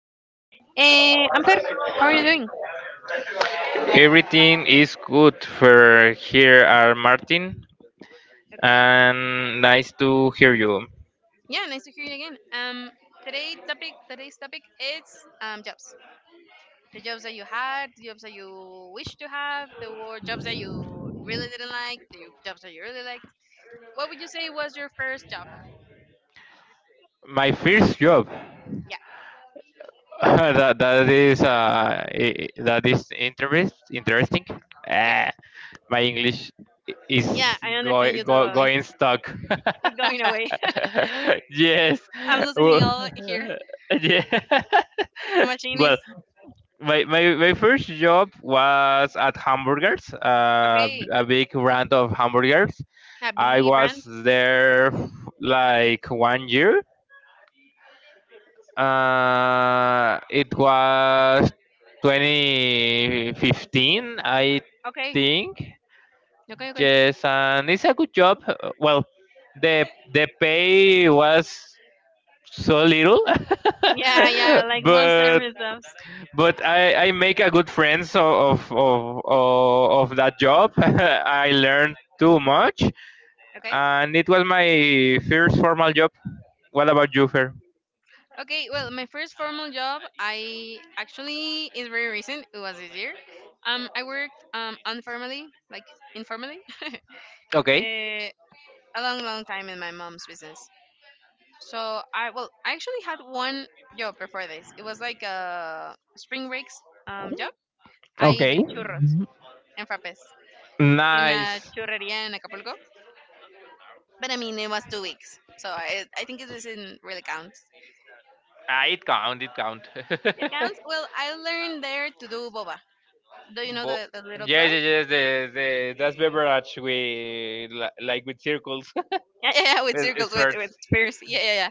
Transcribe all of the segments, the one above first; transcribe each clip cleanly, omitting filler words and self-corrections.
afternoon. I'm Fer. How are you doing? Everything is good for here are Martin Okay. and nice to hear you. Yeah, nice to hear you again. Today's topic is jobs. The jobs that you had, the jobs that you wish to have, the jobs that you really didn't like, the jobs that you really liked. What would you say was your first job? My first job Yeah, that is that is interest interesting. yeah, Ah, my English yeah. is I understand you totally. going stuck. It's going away. Yes. I'm losing it Well, all here. yeah. The machine is well, my first job was at hamburgers, okay. a big brand of hamburgers. A I B brand. was there like 1 year. It was 2015, I Okay, think. okay, okay. Yes, and it's a good job. Uh, Well, the the pay was so little, Yeah, yeah, like more but services. I make a good friends of that job. I learned too much, Okay. and it was my first formal job. What about you, Fer? Okay, well, my first formal job, I actually is very recent. It was this year. I worked informally, informally, uh, Okay. a long, long time in my mom's business. So I well, I actually had one job before this. It was like a spring breaks job. I Okay. did churros and frappes in a Nice. churreria in Acapulco, but I mean it was 2 weeks, so I think it doesn't really count. Ah, it count. It count. It counts. Well, I learned there to do boba. Do you know Bo- the little yes, pearl? yes, yes. The that's beverage with li- like with circles. Yeah, yeah, yeah, with It's circles, with first. spears. Yeah, yeah, yeah.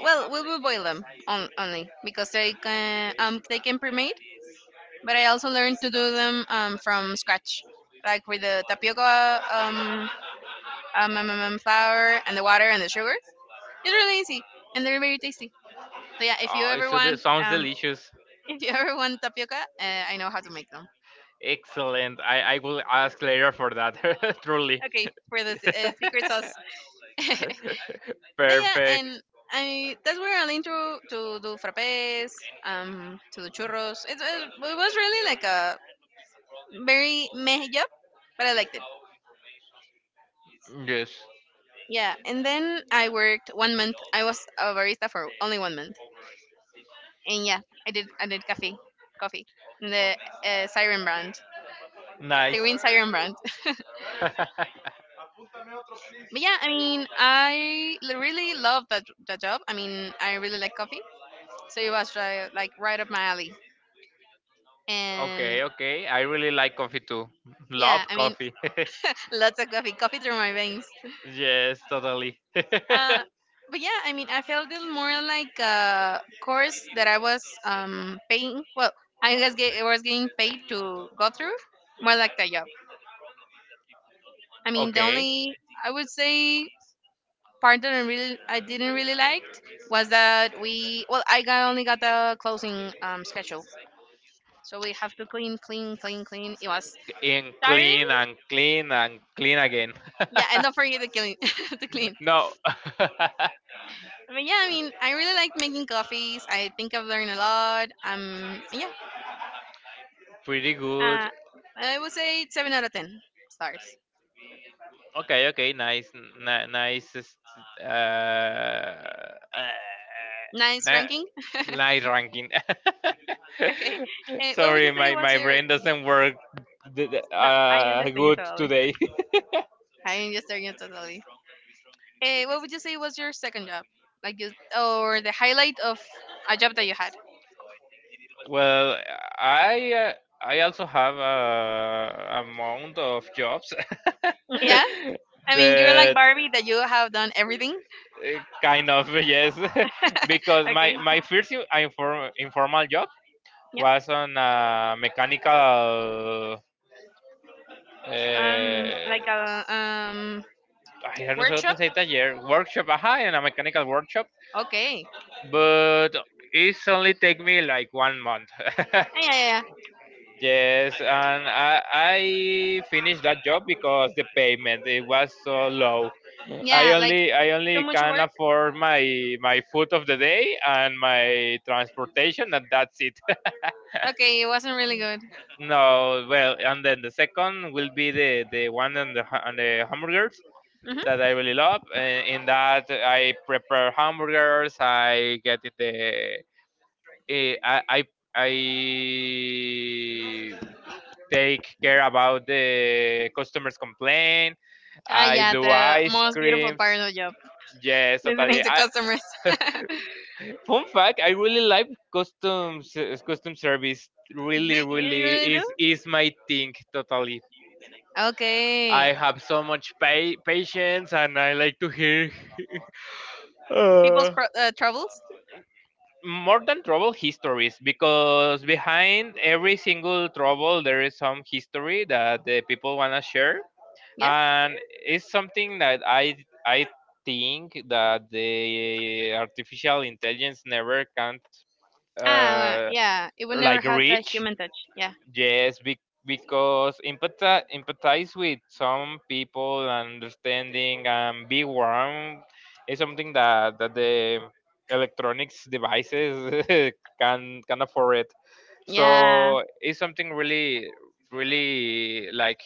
Well, we will boil them on, only because they can pre-made. But I also learned to do them from scratch, like with the tapioca flour and the water and the sugar. It's really easy and they're very tasty. So yeah, if you Oh, ever so that want sounds delicious. if you ever want tapioca, I know how to make them. Excellent. I will ask later for that. Truly. Okay, for the secret sauce. No, yeah, Perfect. and I that's where I learned to do frappes, to do churros. It was really like a very meh job, but I liked it. Yes. Yeah, and then I worked one month. I was a barista for only one month, and yeah, I did coffee, coffee, in the Siren brand, the Nice. green Siren brand. But yeah, I mean, really love that job. I mean, I really like coffee, so it was right, like right up my alley. And Okay, okay. I really like coffee too. yeah, Love I mean, coffee. lots of coffee, coffee through my veins. Yes, totally. Uh, but yeah, I mean, I felt it more like a course that I was paying. Well, I was getting paid to go through, more like the job. I mean, the okay. only I would say part that I didn't really liked was that we well I got the closing schedule, so we have to clean, clean, clean, clean. It was And tiring. clean and clean and clean again. Yeah, and don't forget to clean, to clean. no. But yeah, I mean, I really like making coffees. I think I've learned a lot. Yeah, Pretty good. uh, I would say seven out of ten stars. Okay, okay. Nice, nice. Uh, uh, Nice ni- ranking. Nice ranking. Okay, what would you Sorry, say my, was my your? brain doesn't work No, I understand you good totally. today. I understand you totally. What would you say was your second job? Like, you, or the highlight of a job that you had? Well, I uh, I also have a amount of jobs, Yeah, I mean, you're like but Barbie that you have done everything. Kind of yes, because my Okay. my first informal job Yeah. was on a mechanical. Like Uh, a I don't know how to workshop. say taller workshop. Aha, in a mechanical workshop, Okay. but it's only take me like 1 month. Yeah, yeah, yeah. Yes, and I finished that job because the payment it was so low. Yeah, like I too only much can work. afford my food of the day and my transportation, and that's it. Okay, it wasn't really good. no, well, and then the second will be the one on on the hamburgers Hmm. that I really love. In that, I prepare hamburgers. I get it the eh, I take care about the customers' complaint. Ah, I yeah, do the ice most beautiful creams. part of the job, Yes, listening totally. to customers. Fun fact: I really like customs custom service. Do Really, you really really do? Is my thing. Totally. Okay, I have so much patience, and I like to hear uh, troubles. more than trouble histories because behind every single trouble there is some history that the people wanna share Yeah. and it's something that I think that the artificial intelligence never can Ah, uh, yeah. It would never like have that reach human touch. Yeah. yes be, because empathize with some people understanding and be warm is something that the electronics devices can afford it. Yeah. So it's something really really like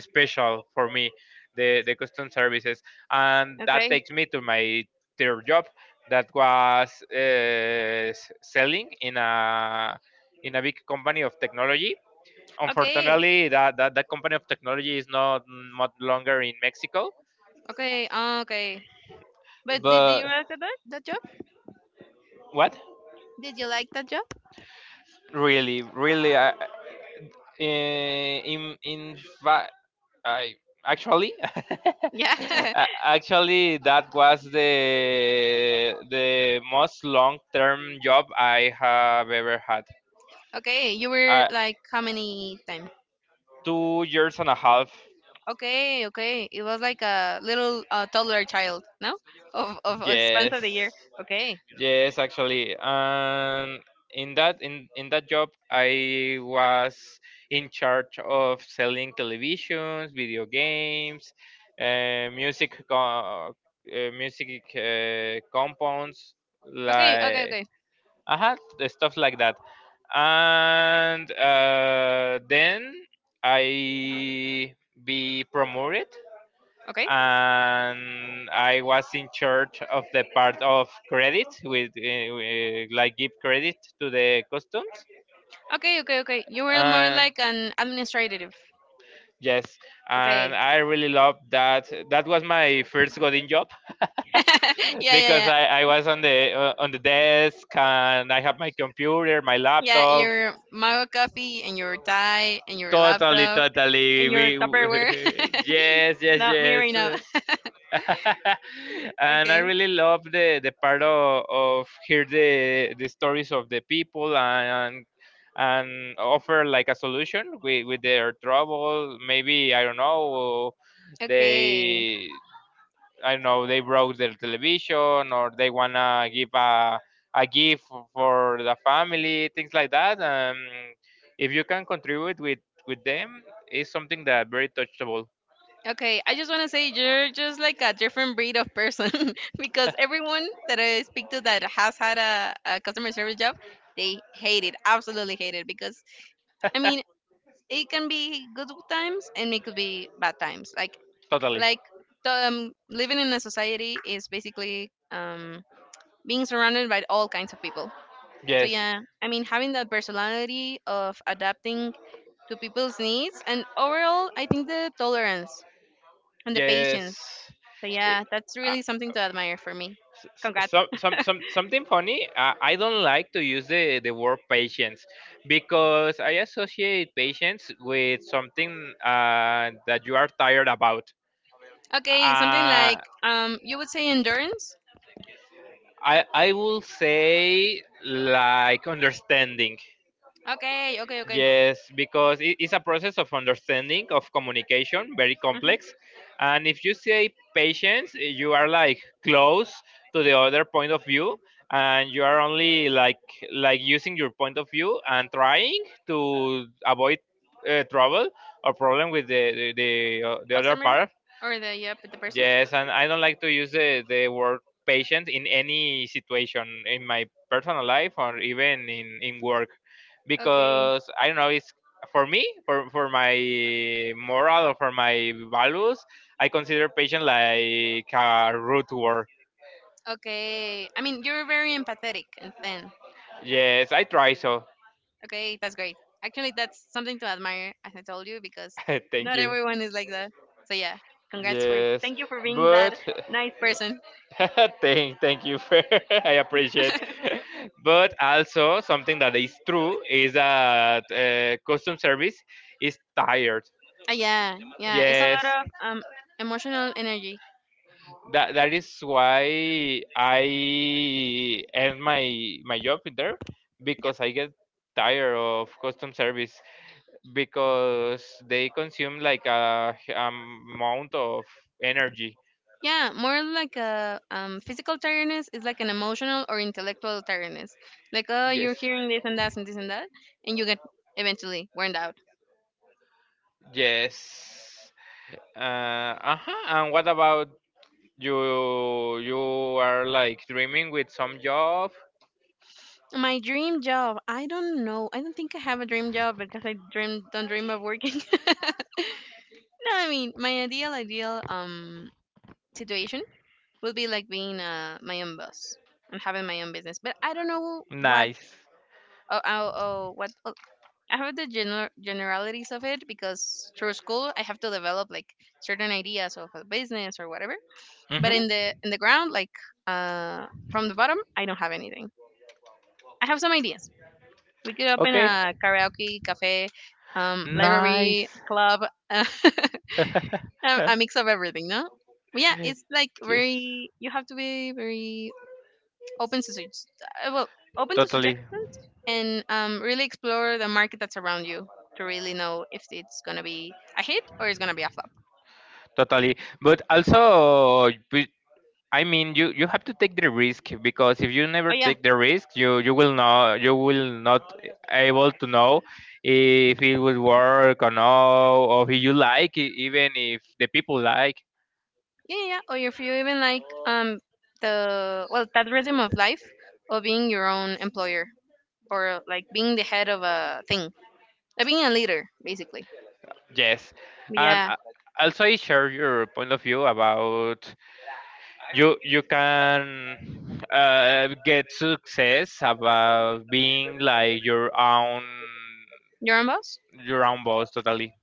special for me the custom services, and that Okay. takes me to my third job that was selling in a big company of technology. Okay. Unfortunately that company of technology is not much longer in Mexico. Okay. Ah, okay. But did you But like that that job? what Did you like that job? really really I, In fact, I actually Yeah. a- actually that was the most long term job I have ever had. Okay. You were Uh, like how many times? 2 years and a half. Okay, okay. It was like a little toddler child, no? Of a span Yes. of the year. Okay. Yes, actually, and in that job, I was in charge of selling televisions, video games, uh, music co- uh, music compounds, Okay, okay, like okay. I had the stuff like that, and then I be promoted, Okay. and I was in charge of the part of credit with like give credit to the customs. Okay, okay, okay. You were more And like an administrative. yes, and Okay. I really loved that. That was my first coding job. Yeah, yeah, Because yeah. I was on the desk, and I have my computer, my Yeah, laptop. your mug of coffee and your tie and your Totally laptop totally and your we Tupperware. yes yes Not me right yes now. and I Okay. really love the part of hear the stories of the people, and offer like a solution with their trouble. Maybe I don't know Okay. they I don't know they broke their television, or they wanna give a gift for the family, things like that. If you can contribute with them, it's something that very touchable. Okay, I just want to say you're just like a different breed of person because everyone that I speak to that has had a customer service job, they hate it, absolutely hate it because I mean it can be good times and it could be bad times. Like Totally. like the, um, living in a society is basically being surrounded by all kinds of people. So Yes. yeah, I mean having that personality of adapting to people's needs and overall, I think the tolerance and the Yes. patience. So It- yeah, that's uh, really something to admire for me. Congrats. Something funny. I don't like to use the word patience because I associate patience with something that you are tired about. Okay, something Uh, like you would say endurance. I will say like understanding. Okay, okay, okay. Yes, because it's a process of understanding, of communication, very Hmm. complex. And if you say patience, you are like close to the other point of view, and you are only like using your point of view and trying to avoid trouble or problem with the other Customer part. or the yep the person. Yes, and I don't like to use the word patient in any situation in my personal life or even in work Okay, because I don't know, it's for me, for my moral or for my values, I consider patient like a root word. okay. I mean, you're very empathetic and thin. Yes, I try so. Okay, that's great. Actually, that's something to admire, as I told you, because Thank not you. everyone is like that. So yeah, congrats for Yes, thank you for being that but nice person. thank, thank you for. I appreciate. But also something that is true is that custom service is tired. Yeah, yeah. It's a lot Yes, of emotional energy. that that is why I end my my job there because I get tired of custom service because they consume like a h- amount of energy. Yeah, more like a physical tiredness is like an emotional or intellectual tiredness. Like, oh, you're Yes. hearing this and that and this and that, and you get eventually worn out. Yes. Uh huh. And what about you you are like dreaming with some job. My dream job, I don't know. I don't think I have a dream job because I dream don't dream of working. No, I mean my ideal situation would be like being my own boss and having my own business. But I don't know what Nice. oh, oh, oh what I have the generalities of it because through school I have to develop like certain ideas of a business or whatever. But Hmm. in the ground, like from the bottom, I don't have anything. I have some ideas. We could open Okay. a karaoke cafe, library Nice. club, a a mix of everything, no? But yeah, it's like yes. very. You have to be very open to sug- uh, well open to Totally. suggestions and really explore the market that's around you to really know if it's gonna be a hit or it's gonna be a flop. Totally. But also, but- I mean, you have to take the risk because if you Oh never yeah, take the risk, you you will not able to know if it will work or no, or if you like, e- even if the people like. yeah, yeah. Yeah. Or if you even like the well that rhythm of life of being your own employer or like being the head of a thing, like being a leader basically. Yes, But and yeah, also I share your point of view about you you can get success about being like your own boss. your own boss totally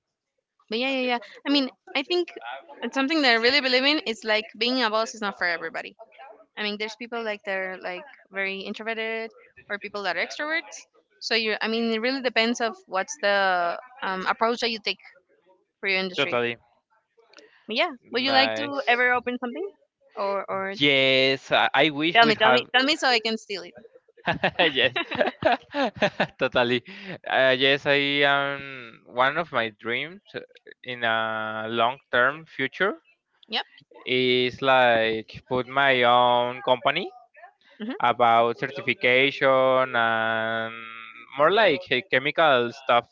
But yeah, yeah, yeah. I mean, I think it's something that I really believe in. It's like being a boss is not for everybody. I mean, there's people like they're like very introverted, or people that are extroverts. So you, I mean, it really depends of what's the approach that you take for your industry. totally But yeah, would you like to nice. ever open something, or Yes, I wish tell we me, tell me, have tell me so I can steal it? yes totally yes I am one of my dreams in a long term future Yep. is like put my own company Hmm. about certification and more like chemical stuff.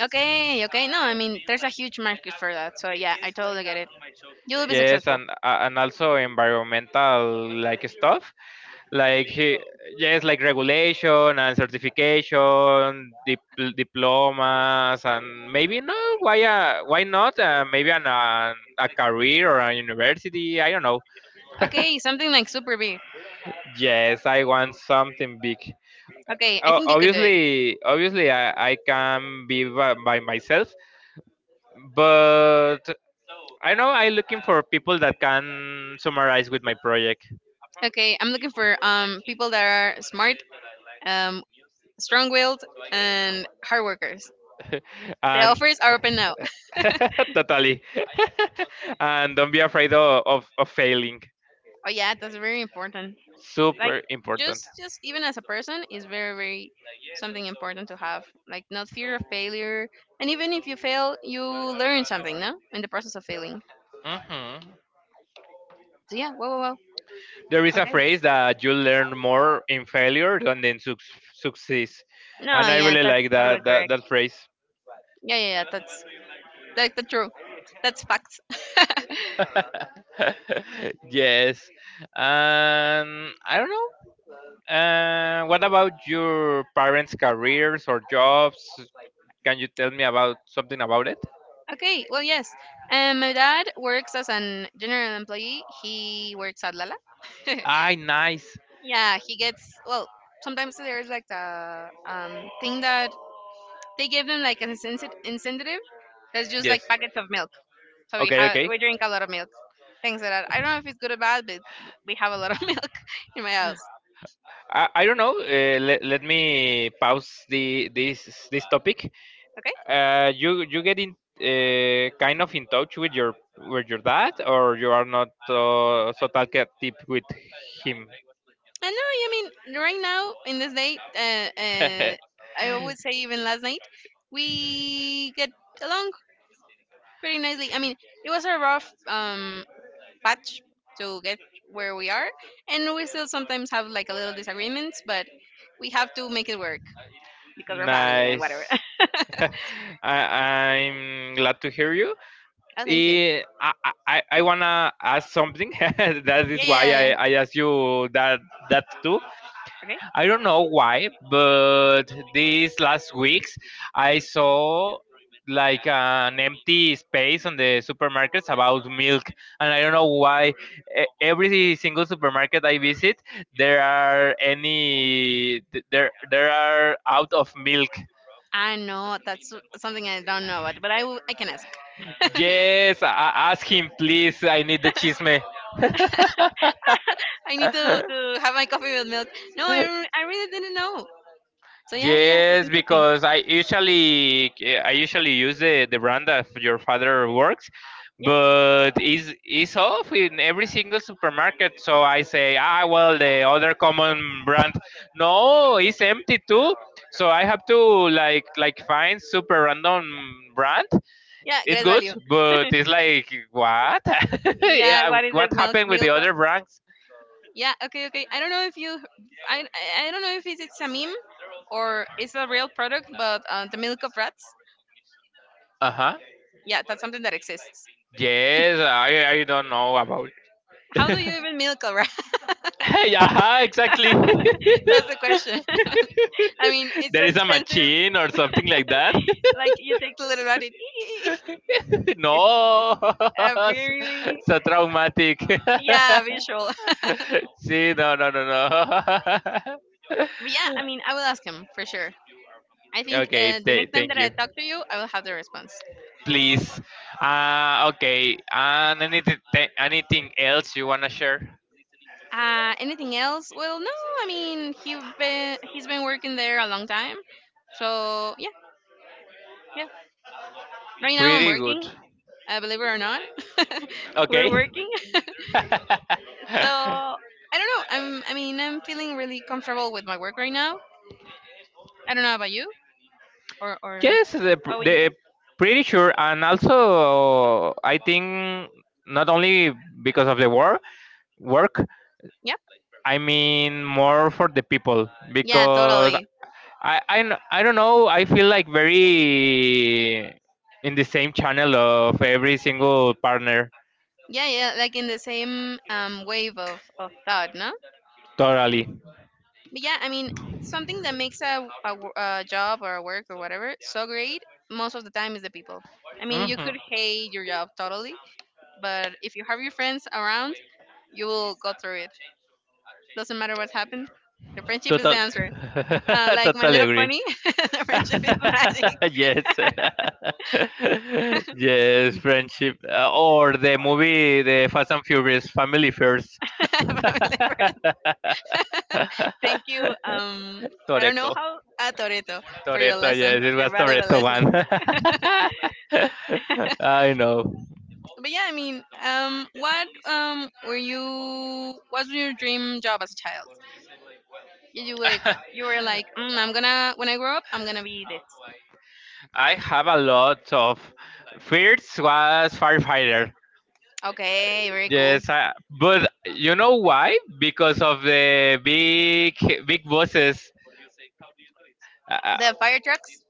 Okay. Okay. No, I mean, there's a huge market for that. So yeah, I totally get it. You will be Yes, successful. And also environmental like stuff, like he- yes, like regulation and certification, diplomas, and maybe no, why not? Maybe a career or a university. I don't know. Okay, something like super big. Yes, I want something big. Okay, I think you could do it. Obviously I can be by myself, but I know I'm looking for people that can summarize with my project. Okay, I'm looking for people that are smart, um, strong-willed, and hard workers. The And offers are open now. totally and don't be afraid of failing. Oh yeah, that's very important. Like Super important. Just even as a person is very very something important to have. Like not fear of failure, and even if you fail, you learn something, no? In the process of failing. Mhm. So yeah, well, well, well. There is a Okay. phrase that you learn more in failure than in suc success, No, and I yeah, really that's like totally that, correct. that phrase. Yeah, yeah, yeah. That's that's true. That's facts. yes. I don't know. What about your parents' careers or jobs? Can you tell me about something about it? Okay, well, yes. My dad works as an general employee. He works at Lala. Ah, nice. Yeah, he gets well. Sometimes there's like the thing that they give him like an incentive. That's just Yes. like packets of milk. So Okay, okay. we drink a lot of milk. Things like that. I don't know if it's good or bad, but we have a lot of milk in my house. I don't know. Let me pause the this topic. Okay. You you get in kind of in touch with your dad, or you are not so talkative with him. And no, I mean right now in this day, uh, I always say even last night, we get along pretty nicely. I mean, it was a rough patch to get where we are, and we still sometimes have like a little disagreements, but we have to make it work because we're family and whatever. Nice. I, I'm glad to hear you. Oh, thank you. I wanna ask something. That Yeah, is why yeah, yeah. I asked you that that too. Okay. I don't know why, but these last weeks I saw like an empty space on the supermarkets about milk, and I don't know why. E- Every single supermarket I visit, there are any th- there are out of milk. I know that's something I don't know about, but I can ask. Yes, I- ask him, please. I need the chisme. I need to have my coffee with milk. No, I really didn't know. So yeah, yeah, yeah, that's yes, interesting. because I usually use the brand that your father works, Yeah, but is off in every single supermarket. So I say, ah, well, the other common brand. No, it's empty too. So I have to like find super random brand. yeah, It's great good, value. but it's like what? Yeah, yeah, what is what it? Milk, happened with the milk of? other brands? Yeah, okay, okay. I don't know if you, I don't know if it's a meme or it's a real product, but the milk of rats. Uh huh. Yeah, that's something that exists. Yes, I don't know about. How do you even milk a rat? yeah, exactly. That's the question. I mean, it's There so is a expensive. machine or something like that. Like you take the little rabbit. no, Really? so traumatic. Yeah, visual. See, no, no, no, no. But yeah, I mean, I will ask him for sure. I think okay, the next time thank that I you. talk to you, I will have the response. Please. Okay, and anything, anything else you wanna share? Anything else? Well, no. I mean, he's been working there a long time, so yeah, yeah. Right now I'm Pretty good. working. Believe it or not, we're Okay. working. So I don't know. I mean I'm feeling really comfortable with my work right now. I don't know about you or yes, what would you the say? pretty sure, and also I think not only because of work. Yeah, I mean more for the people yeah, because totally. I don't know. I feel like very in the same channel of every single partner. Yeah, yeah, like in the same wave of thought, no? Totally. But yeah, I mean, something that makes a a job or a work or whatever so great most of the time is the people. I mean, you Hmm. could hate your job totally, but if you have your friends around, you will go through it. Doesn't matter what happened, the friendship is the Total. answer. uh, like my totally Little agree. Pony. The friendship is magic. yes yes friendship or the movie the Fast and Furious, family first. From Liver. Thank you, I don't know Toreto. how a Toreto, for your Toreto, lesson, yes, it your was valuable Toreto lesson. one. I know. But yeah, I mean, what were you? What was your dream job as a child? Did you like, you were like, I'm gonna when I grow up, I'm gonna be this. I have a lot of. First was firefighter. Okay, very cool. Yes, I, but you know why? Because of the big big bosses. Uh, The fire trucks.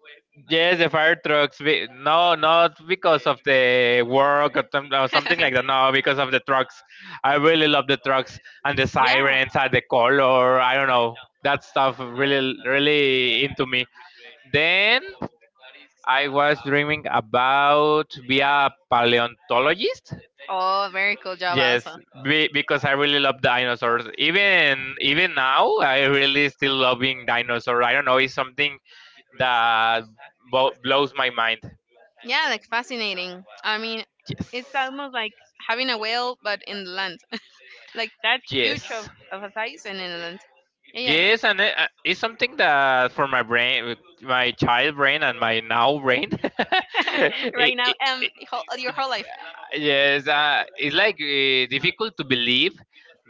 Yes, the fire trucks. We, no, not because of the work or, some- or something like that. No, because of the trucks. I really love the trucks and the Yeah. sirens and the color. I don't know. That stuff really, really into me. Then I was dreaming about be a paleontologist. Oh, very cool job, Yes, also. be, because I really love dinosaurs. Even now, I really still loving dinosaur. I don't know. It's something that blows my mind. Yeah, like fascinating. I mean, it's Yes, almost like having a whale, but in the land. Like that huge yes, of a size and in the land. Yeah. yes, and it's something that for my brain, my child brain, and my now brain, it, Right now, it, it, whole, your whole life. yes, it's like difficult to believe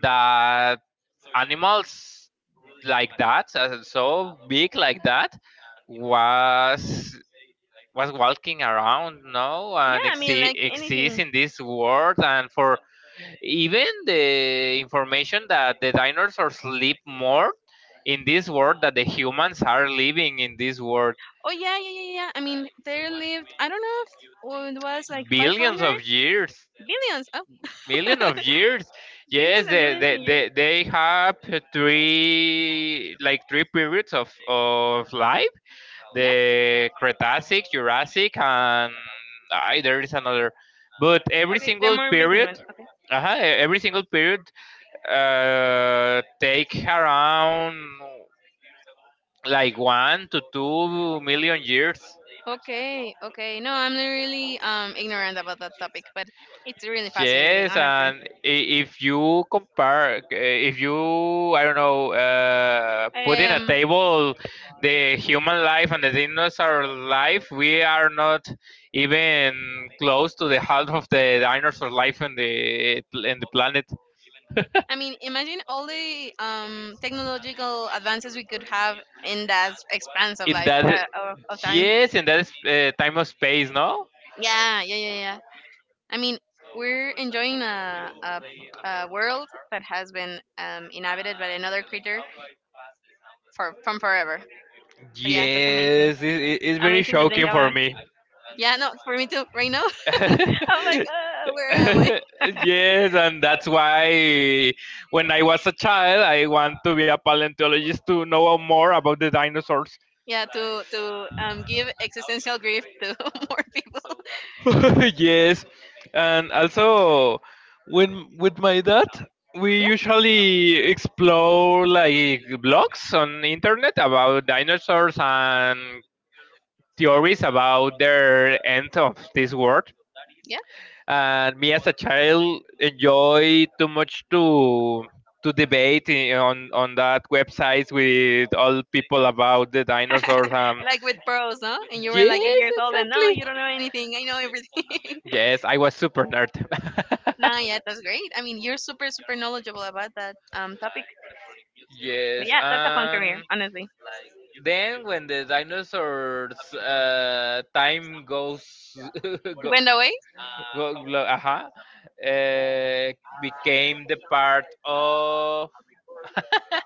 that animals like that, so big like that, was was walking around, no, Yeah, and I mean, like exists anything. in this world, and for. Even the information that the dinosaurs live more in this world that the humans are living in this world. Oh yeah, yeah, yeah, yeah. I mean, there lived I don't know if oh, it was like Billions 500 of years. billions. Oh, Million of years. billions Yes and they, millions they, in years. they, they have three like three periods of life, Yeah. the Cretacic, Jurassic, and I, there is another. But every Okay, the single more recent period, one. Okay. uh every single period, take around like 1 to 2 million years. Okay, okay. No, I'm really ignorant about that topic, but it's really fascinating, Yes, honestly. and if you compare, if you, I don't know, put in a Um, table the human life and the dinosaur life, we are not even close to the half of the dinosaur life in the planet. I mean, imagine all the technological advances we could have in that expanse of In life that, of time. yes, in that time of space, no. Yeah, yeah, yeah, yeah. I mean, we're enjoying a world that has been inhabited by another creature for from forever. So yeah, that's amazing. Yes, it's very Amazing to think shocking for about. me. Yeah, no, for me too. Right now, I'm like, where am I? Yes, and that's why when I was a child, I want to be a paleontologist to know more about the dinosaurs. Yeah, to give existential grief to more people. Yes, and also when with my dad, we Yeah, usually explore like blogs on internet about dinosaurs and theories about their end of this world. yeah. And me as a child enjoy too much to debate on that websites with all people about the dinosaurs, um, Like with pearls, no? And you were like eight yes, years old and no, exactly. you don't know anything, I know everything. Yes, I was super nerd. Nah, yeah, that's great. I mean, you're super super knowledgeable about that topic, but Yes, yeah, that's a fun career, and honestly. then when the dinosaurs time goes go, Went away. go, go, uh uh, became the part of,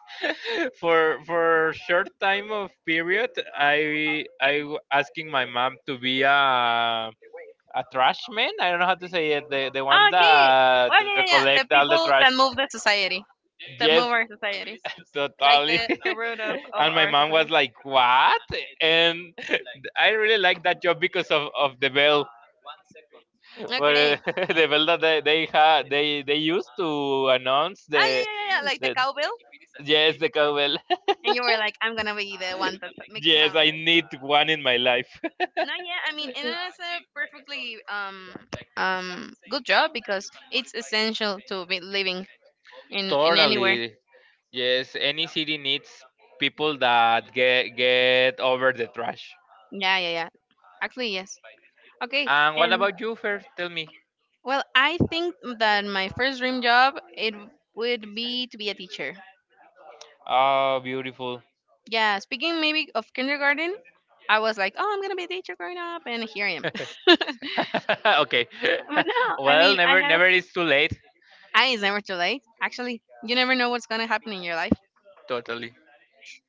for short time of period, asking my mom to be a trash man. I don't know how to say it, the one Ah, okay. that Well, yeah, yeah, yeah. The recollect all the people that trash. move the society, that Yes. move our society, like Totally. the root of of And my our mom society. was like, what? And I really like that job because of the bell. Well, Okay. the bell that they used to announce Ah yeah, the. yeah, yeah, yeah. Like the The, cowbell, yes, the cowbell. and you were like, I'm gonna be the one that makes Yes, sound. I need one in my life. No, yeah, I mean, and that's a perfectly good job because it's essential to be living in anywhere. Totally. Yes, any city needs people that get over the trash. Yeah, yeah, yeah. Actually, yes. Okay, And what and about you, Fer? Tell me. well, I think that my first dream job it would be to be a teacher. Oh, beautiful. Yeah, speaking maybe of kindergarten, I was like, oh, I'm gonna be a teacher growing up, and here I am. But Okay. no, I Well, mean, I never had never is too late. eyes never too late. Actually, you never know what's gonna happen in your life. Totally.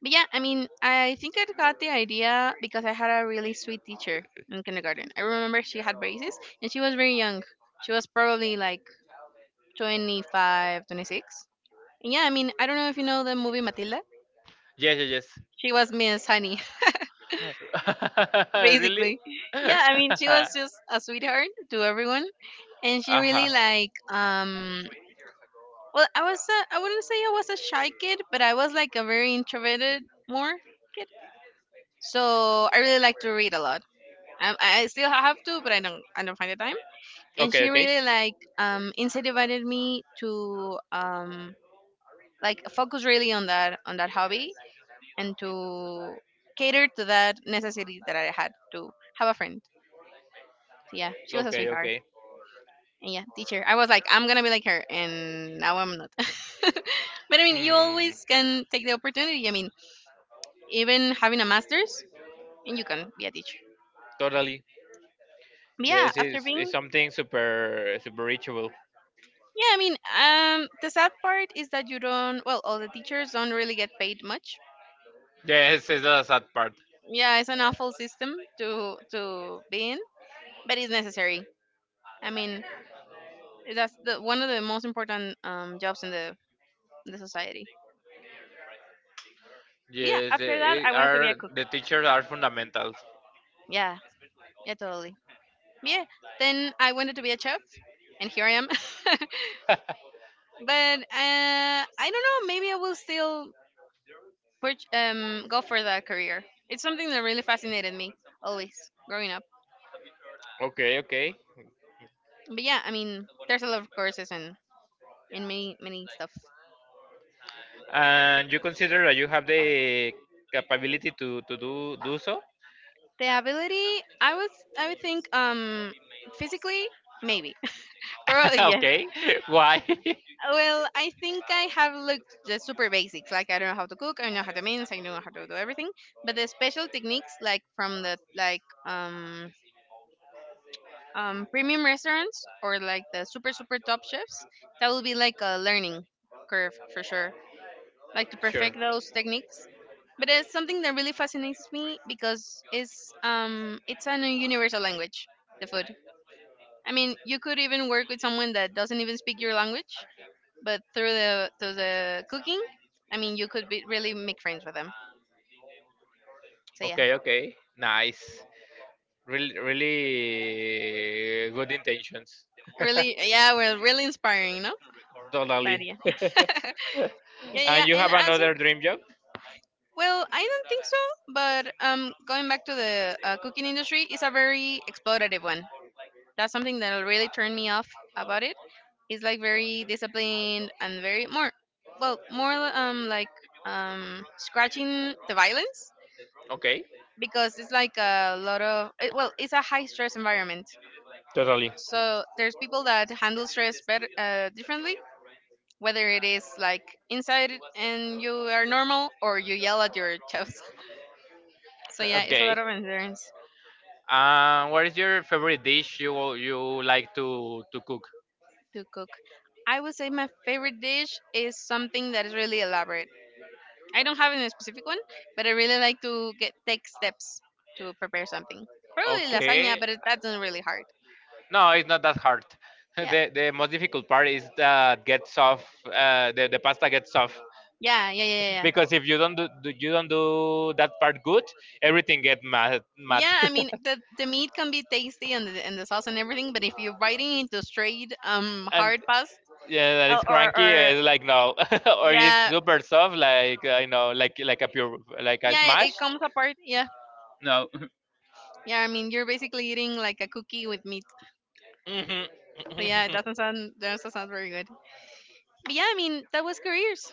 But yeah, I mean, I think I got the idea because I had a really sweet teacher in kindergarten. I remember she had braces and she was very young. She was probably like 25, 26. And yeah, I mean, I don't know if you know the movie Matilda. Yes, yes, She was Miss Honey, yes. Really? basically. Yeah, I mean, she was just a sweetheart to everyone, and she really Aha. like. Well, I was a, I wouldn't say I was a shy kid, but I was like a very introverted more kid. So I really like to read a lot. I still have to, but I don't find the time. And Okay, she okay. really like incentivized me to like focus really on that hobby and to cater to that necessity that I had to have a friend. So yeah, she was a Okay, sweetheart. okay. And yeah, teacher. I was like, I'm gonna be like her, and now I'm not. But I mean, you Mm, always can take the opportunity. I mean, even having a master's, and you can be a teacher. totally. But yeah, Yes, after it's being something super super ritual. yeah, I mean, the sad part is that you don't. Well, all the teachers don't really get paid much. Yes, it's the sad part. Yeah, it's an awful system to be in, but it's necessary. I mean, that's the one of the most important jobs in the society. But yeah, Yes, after that, they I wanted to be a are cook. the teachers are fundamentals. Yeah, yeah, totally. Yeah, then I wanted to be a chef, and here I am. But I don't know. Maybe I will still go for that career. It's something that really fascinated me always growing up. Okay, okay. But yeah, I mean, there's a lot of courses and many many stuff. And you consider that you have the capability to, to do so? The ability, I was, I would think, physically, maybe, probably yeah. Okay. Why? Well, I think I have looked the super basics. Like I don't know how to cook, I know how to mince, I know how to do everything. But the special techniques, like from the like premium restaurants or like the super super top chefs, that will be like a learning curve for sure. Like to Sure. perfect those techniques. But it's something that really fascinates me because it's an universal language, the food. I mean, you could even work with someone that doesn't even speak your language, but through the cooking, I mean, you could be really make friends with them. So yeah, Okay, okay. Nice. Really, really good intentions. really. Yeah, we're really inspiring, no? But Totally. yeah. Yeah, yeah, yeah. And you And have as a- another dream job? well, I don't think so, but going back to the cooking industry is a very exploitative one. That's something that really turned me off about it. It's like very disciplined and very more, well, more like scratching the violence Okay. because it's like a lot of it, well, it's a high stress environment. Totally. So there's people that handle stress better differently, whether it is like inside and you are normal or you yell at your chefs. So yeah, it's a Okay. lot of endurance What is your favorite dish you you like to cook? to cook. I would say my favorite dish is something that is really elaborate. I don't have any specific one, but I really like to get take steps to prepare something. Probably lasagna, Okay, but it, that's not really hard. no, it's not that hard. Yeah, the most difficult part is that get soft. The pasta gets soft yeah, yeah, yeah, yeah. Yeah. because if you don't do you don't do that part good, everything get mad Yeah, I mean, the meat can be tasty and the sauce and everything, but if you're biting into straight and. hard pasta Yeah, or it's or cranky. Or- It's like no, or it's yeah, super soft, like I know, like a pure, like a yeah, it, smash. it comes apart. Yeah. No. Yeah, I mean, you're basically eating like a cookie with meat. Mhm. So yeah, it doesn't sound very good. But yeah, I mean, that was careers.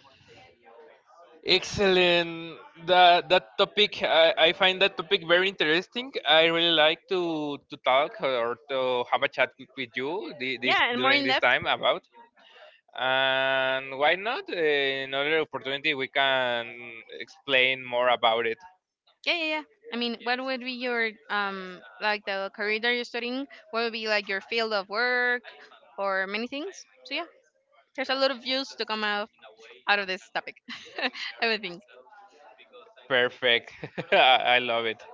Excellent. That that topic, I find that topic very interesting. I really like to talk or to have a chat with you this Yeah, and more during in this depth. time about. And why not? Another opportunity we can explain more about it. Yeah, yeah, yeah. I mean, what would be your like the career that you're studying? What would be like your field of work or many things? So yeah. There's a lot of views to come out out of this topic. I would think. Perfect. I love it.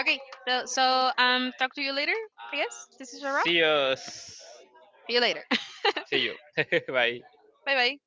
Okay, so so, talk to you later. I guess this is a wrap. See us. See you later. See you. Bye. Bye bye.